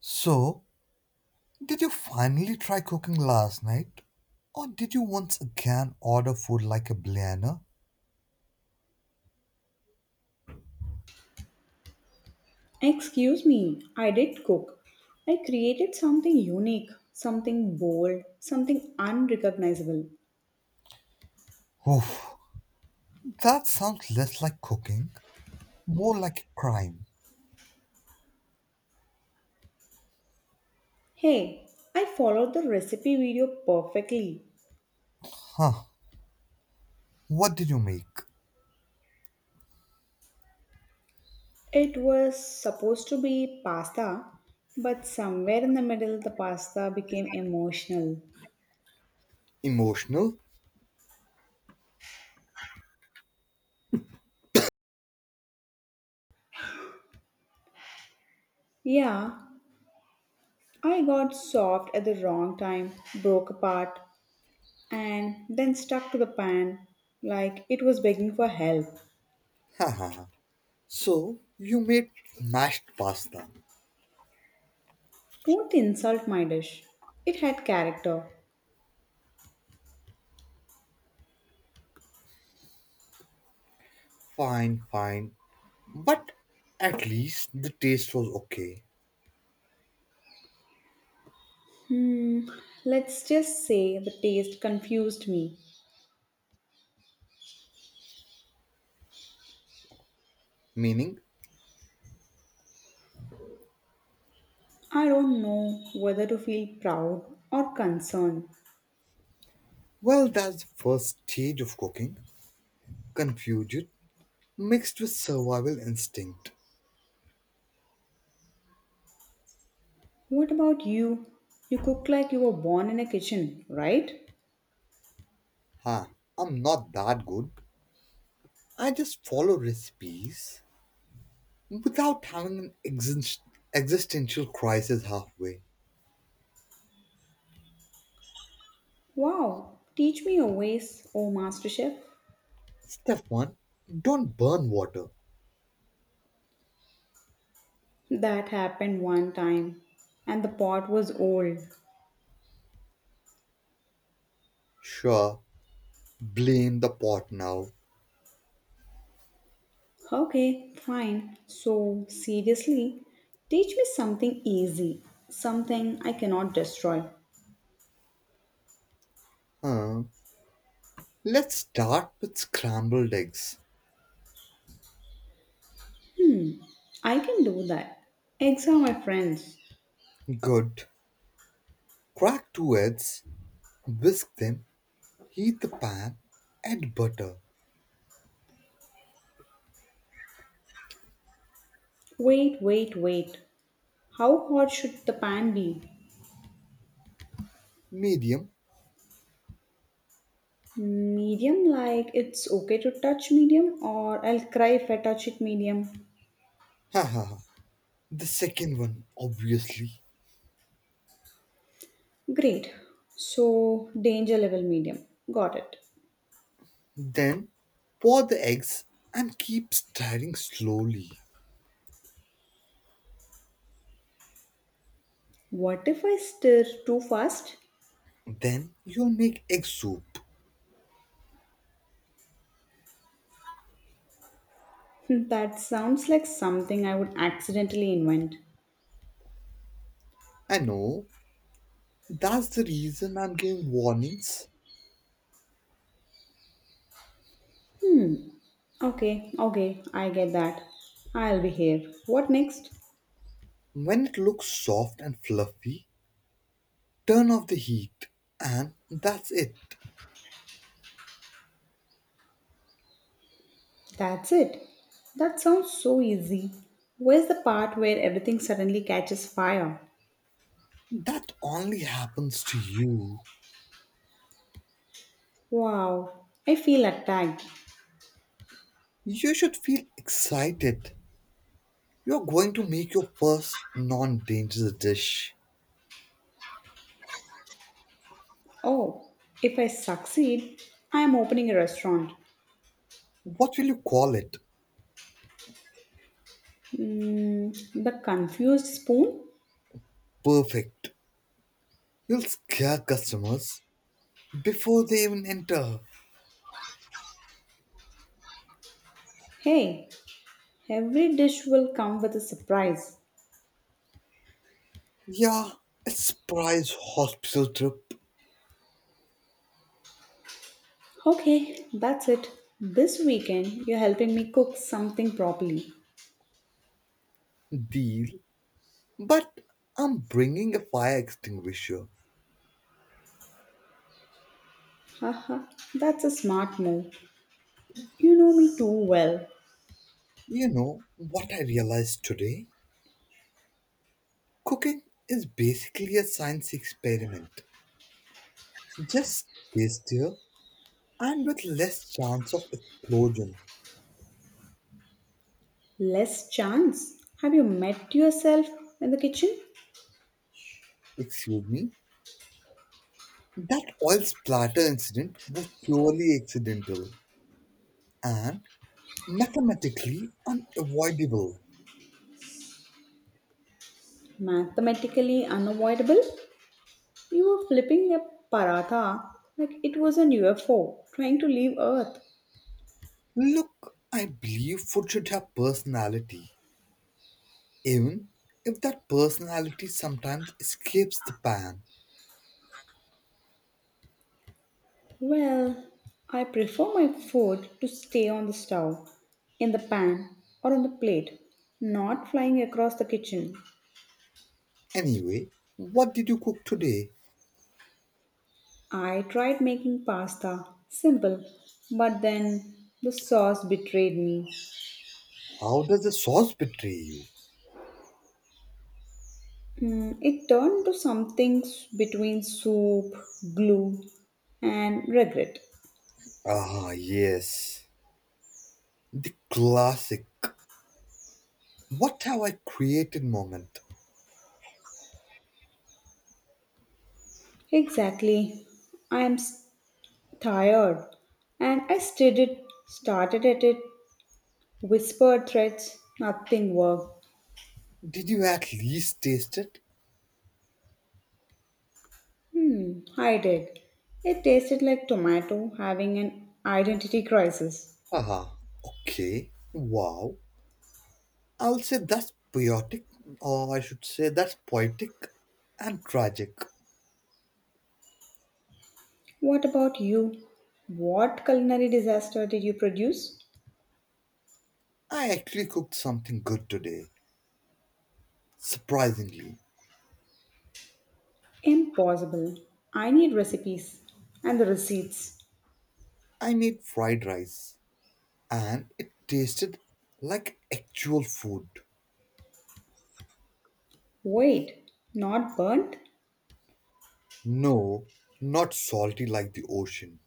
So, did you finally try cooking last night? Or did you once again order food like a billionaire? Excuse me, I did cook. I created something unique, something bold, something unrecognizable. Oof, that sounds less like cooking, more like a crime. Hey, I followed the recipe video perfectly. Huh, what did you make? It was supposed to be pasta, but somewhere in the middle, the pasta became emotional. Emotional? Yeah, I got soft at the wrong time, broke apart, and then stuck to the pan like it was begging for help. Haha. You made mashed pasta. Don't insult my dish. It had character. Fine, fine. But at least the taste was okay. Hmm, let's just say the taste confused me. Meaning, I don't know whether to feel proud or concerned. That's the first stage of cooking. Confusion mixed with survival instinct. What about you? You cook like you were born in a kitchen, right? Huh, I'm not that good. I just follow recipes without existential crisis halfway. Wow, teach me your ways, oh master chef. Step one, don't burn water. That happened one time, and the pot was old. Sure, blame the pot now. Okay, fine. So, seriously, teach me something easy, something I cannot destroy. Huh. Let's start with scrambled eggs. I can do that. Eggs are my friends. Good. Crack two eggs, whisk them, heat the pan, add butter. Wait. How hot should the pan be? Medium. Medium, like it's okay to touch medium, or I'll cry if I touch it medium. Ha ha ha. The second one, obviously. Great. So, danger level medium. Got it. Then pour the eggs and keep stirring slowly. What if I stir too fast? Then you'll make egg soup. That sounds like something I would accidentally invent. I know, that's the reason I'm giving warnings. Hmm. Okay, I get that. I'll behave. What next? When it looks soft and fluffy, turn off the heat. And that's it. That's it. That sounds so easy. Where's the part where everything suddenly catches fire? That only happens to you. Wow, I feel attacked. You should feel excited. You're going to make your first non dangerous dish. Oh, if I succeed, I am opening a restaurant. What will you call it? Mm, the confused spoon? Perfect. You'll scare customers before they even enter. Hey, every dish will come with a surprise. Yeah, it's prize hospital trip Okay, that's it. This weekend, you're helping me cook something properly. deal, but I'm bringing a fire extinguisher. Haha, that's a smart move. You know me too well. You know what I realized today? Cooking is basically a science experiment. Just tastier and with less chance of explosion. Less chance? Have you met yourself in the kitchen? Excuse me. That oil splatter incident was purely accidental and mathematically unavoidable. Mathematically unavoidable? You were flipping a paratha like it was an UFO trying to leave Earth. Look, I believe food should have personality, even if that personality sometimes escapes the pan. Well, I prefer my food to stay on the stove, in the pan, or on the plate, not flying across the kitchen. Anyway, what did you cook today? I tried making pasta, simple, but then the sauce betrayed me. How does the sauce betray you? Mm, it turned to something between soup, glue, and regret. Ah, yes, the classic. What have I created moment? Exactly. I am tired. And started at it, whispered threats, nothing worked. Did you at least taste it? Hmm, I did. It tasted like tomato having an identity crisis. Ah, okay. Wow. I'll say that's poetic, or I should say that's poetic and tragic. What about you? What culinary disaster did you produce? I actually cooked something good today. Surprisingly, Impossible. I need recipes and the receipts. I made fried rice and it tasted like actual food. Wait, not burnt? No, not salty like the ocean.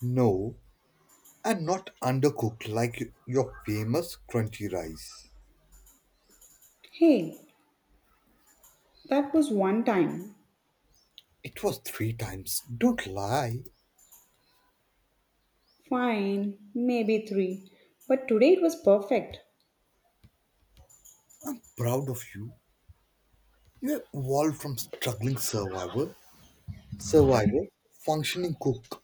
No, and not undercooked like your famous crunchy rice. Hey, that was one time. It was three times. Don't lie. Fine, maybe three. But today it was perfect. I'm proud of you. You have evolved from survivor, functioning cook.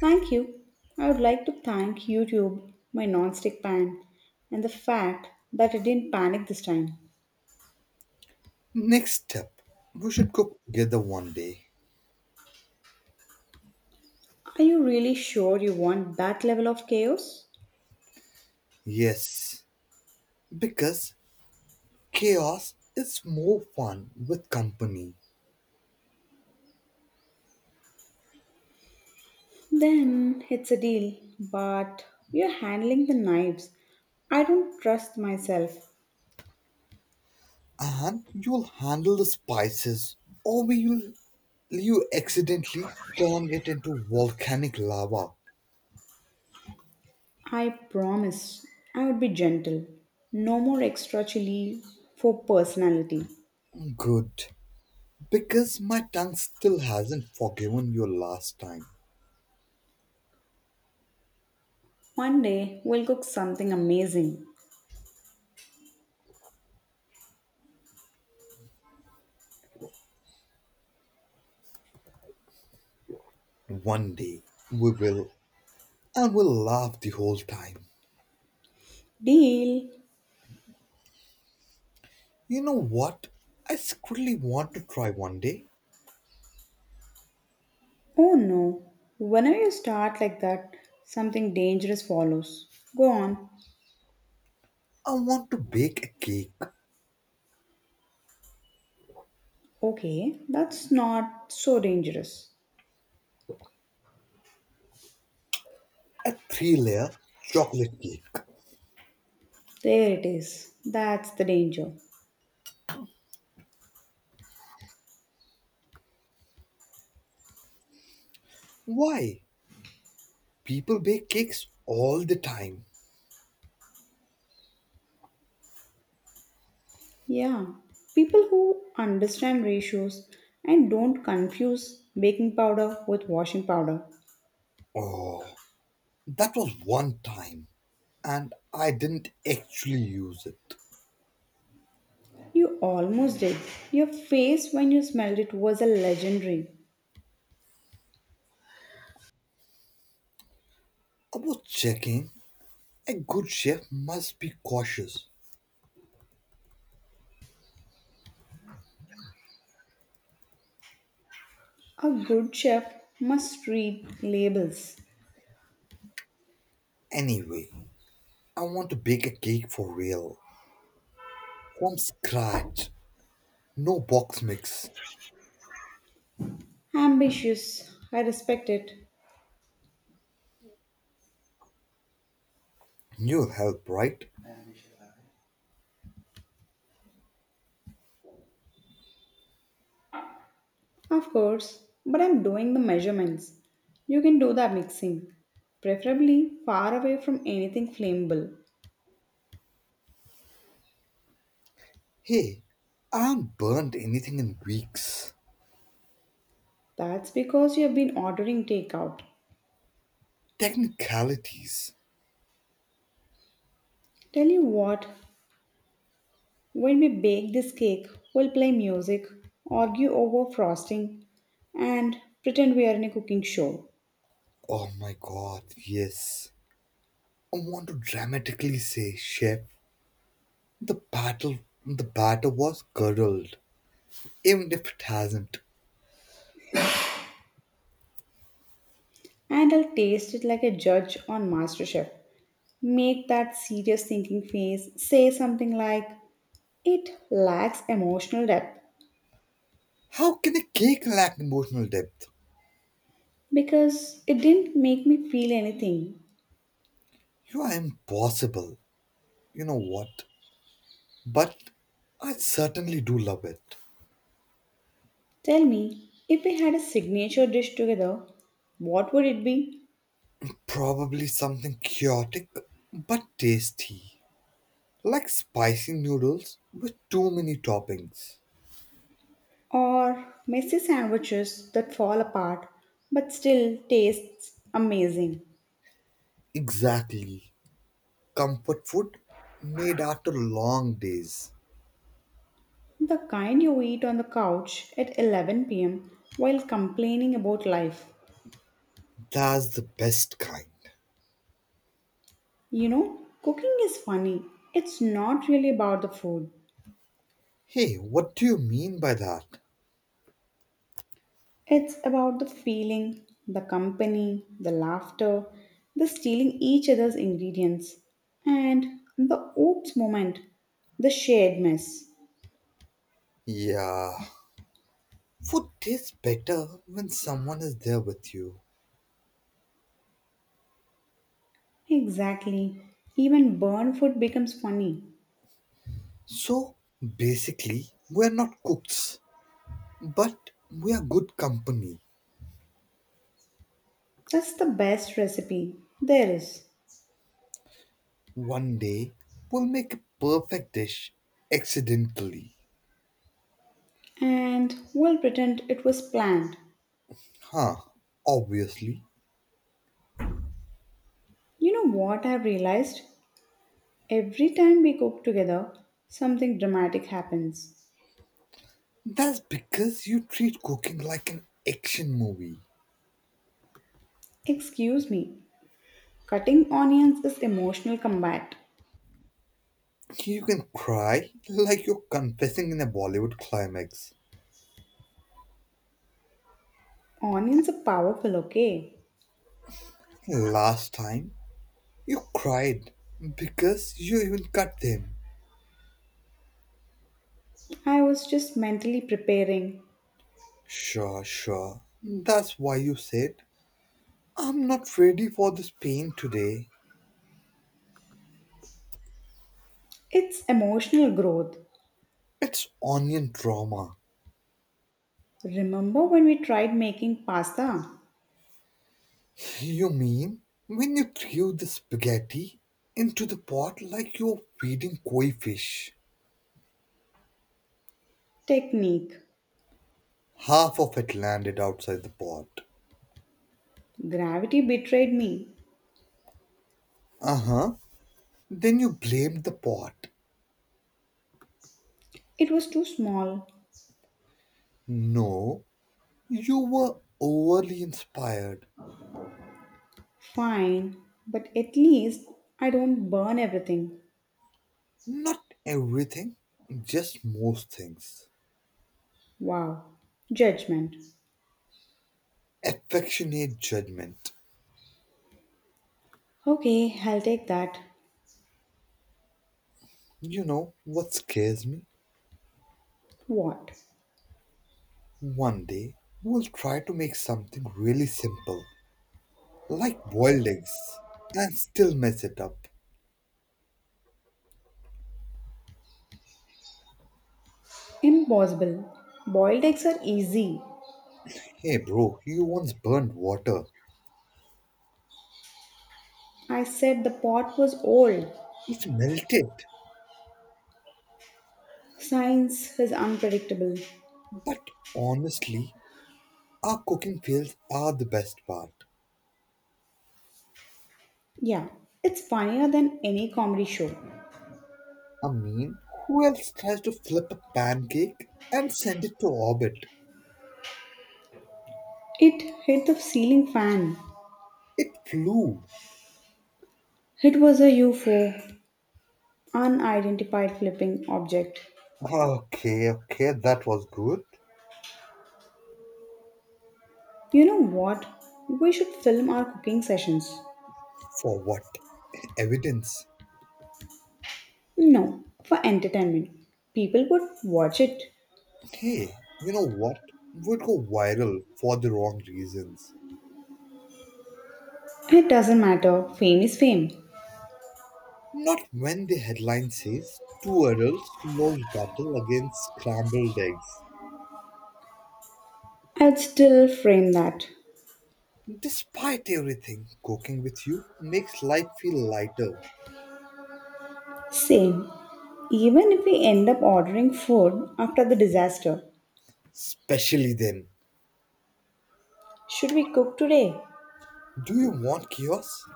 Thank you. I would like to thank YouTube, my non-stick pan, and the fact that I didn't panic this time. Next step, we should cook together one day. Are you really sure you want that level of chaos? Yes, because chaos is more fun with company, Then it's a deal, but you're handling the knives. I don't trust myself. and you'll handle the spices, or will you accidentally turn it into volcanic lava? I promise I would be gentle. No more extra chili for personality. Good, because my tongue still hasn't forgiven you last time. One day we'll cook something amazing. One day we will, and we'll laugh the whole time. Deal? You know what? I secretly want to try one day. Oh no. Whenever you start like that, something dangerous follows. Go on. I want to bake a cake, Okay, that's not so dangerous. a three layer chocolate cake. There it is. That's the danger. Why? People bake cakes all the time. Yeah. People who understand ratios and don't confuse baking powder with washing powder. Oh, that was one time, and I didn't actually use it. You almost did. Your face when you smelled it was a legendary. I was checking. A good chef must be cautious. A good chef must read labels. Anyway, I want to bake a cake for real. From scratch. No box mix. Ambitious, I respect it. You'll help, right? Of course, but I'm doing the measurements. You can do the mixing, preferably far away from anything flammable. Hey, I haven't burned anything in weeks. That's because you have been ordering takeout. Technicalities. Tell you what, when we bake this cake, we'll play music, argue over frosting, and pretend we are in a cooking show. Oh my god, yes. I want to dramatically say, Chef, The battle the batter was curdled, even if it hasn't. And I'll taste it like a judge on MasterChef. Make that serious thinking face, say something like, it lacks emotional depth How can a cake lack emotional depth? because it didn't make me feel anything. You are impossible. You know what? But I certainly do love it. Tell me, if we had a signature dish together, what would it be? Probably something chaotic but tasty. Like spicy noodles with too many toppings. Or messy sandwiches that fall apart but still tastes amazing. Exactly. Comfort food made after long days. The kind you eat on the couch at 11 p.m. while complaining about life. That's the best kind. You know, cooking is funny. It's not really about the food, Hey, what do you mean by that? it's about the feeling, the company, the laughter, the stealing each other's ingredients, and the oops moment, the shared mess. Yeah, food tastes better when someone is there with you. Exactly. Even burned food becomes funny. So basically, we're not cooks, but we are good company. That's the best recipe there is. One day, we'll make a perfect dish accidentally. And we'll pretend it was planned. Huh, obviously. You know what I've realized? Every time we cook together, something dramatic happens. That's because you treat cooking like an action movie. Excuse me, cutting onions is emotional combat. You can cry like you're confessing in a Bollywood climax. Onions are powerful, okay? Last time, you cried because you even cut them. I was just mentally preparing. Sure, sure. That's why you said, I'm not ready for this pain today. It's emotional growth. It's onion trauma. Remember when we tried making pasta? You mean when you threw the spaghetti into the pot like you were feeding koi fish? Technique. Half of it landed outside the pot. Gravity betrayed me. Uh huh. Then you blamed the pot. It was too small. No, you were overly inspired. Fine, but at least I don't burn everything. Not everything, just most things. Wow. Judgment. Affectionate judgment. Okay, I'll take that. You know what scares me? What? One day we'll try to make something really simple, like boiled eggs, and still mess it up. Impossible. Boiled eggs are easy. Hey bro, you once burned water. I said the pot was old. It melted. Science is unpredictable. But honestly, our cooking fails are the best part. Yeah, it's funnier than any comedy show. I mean, who else tries to flip a pancake and send it to orbit? It hit the ceiling fan. It flew. It was a UFO, unidentified flipping object. Okay, okay, that was good. You know what? We should film our cooking sessions. For what? Evidence. No, for entertainment. People would watch it. Hey, you know what would go viral for the wrong reasons? It doesn't matter, fame is fame. Not when the headline says two adults lost battle against scrambled eggs. I'd still frame that. Despite everything, cooking with you makes life feel lighter, Same. Even if we end up ordering food after the disaster. especially then. Should we cook today? Do you want chaos?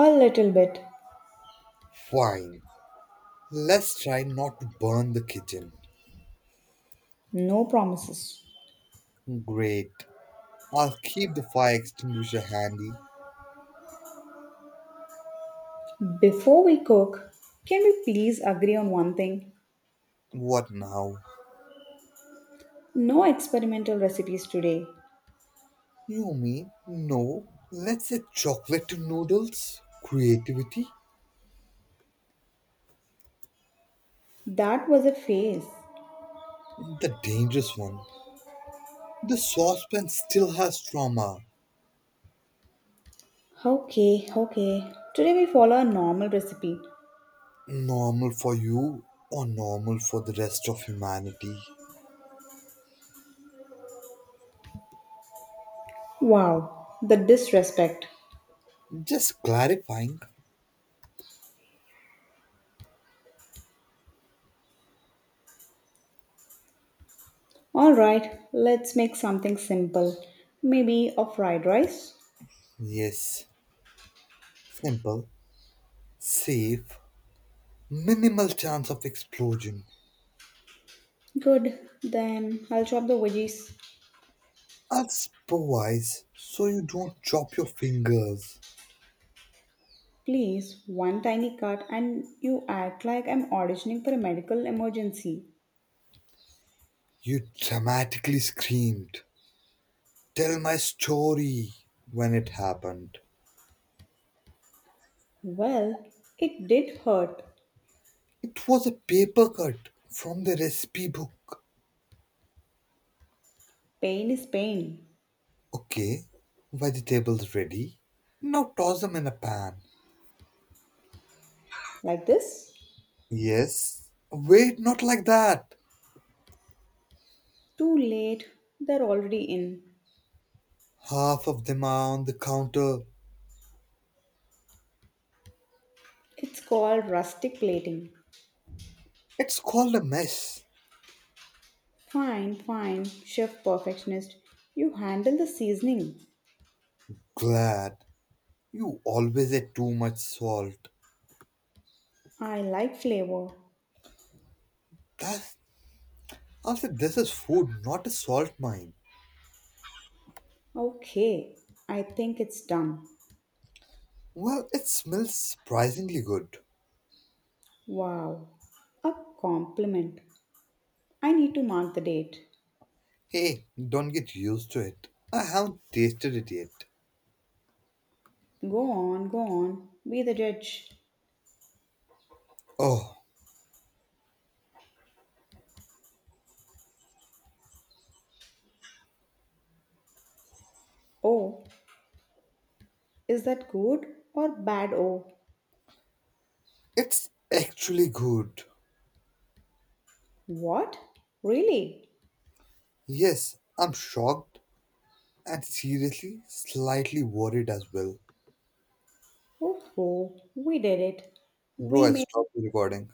A little bit. Fine. Let's try not to burn the kitchen. No promises. Great. I'll keep the fire extinguisher handy. Before we cook, can we please agree on one thing? What now? No experimental recipes today. You mean no? Let's say chocolate noodles, creativity, That was a phase. the dangerous one. The saucepan still has trauma. Okay. Today we follow a normal recipe. Normal for you or normal for the rest of humanity. Wow, the disrespect. Just clarifying. Alright, let's make something simple. Maybe a fried rice? Yes, simple, safe, minimal chance of explosion. Good, then I'll chop the veggies. I'll supervise so you don't chop your fingers. Please, one tiny cut, and you act like I'm auditioning for a medical emergency. You dramatically screamed, Tell my story when it happened. Well, it did hurt. It was a paper cut from the recipe book. Pain is pain. Okay, vegetables ready. Now toss them in a pan. Like this? Yes. Wait, not like that. Too late. They're already in. Half of them are on the counter. It's called rustic plating. It's called a mess. Fine, chef perfectionist. You handle the seasoning. Glad. You always ate too much salt. I like flavor. That's, I said this is food, not a salt mine. Okay, I think it's done. Well, it smells surprisingly good. Wow, a compliment. I need to mark the date. Hey, don't get used to it. I haven't tasted it yet. Go on. Be the judge. Oh, Oh, is that good or bad? Oh, it's actually good. what? Really? Yes, I'm shocked and seriously slightly worried as well. Oh, we did it. Bro, We I made stopped the recording.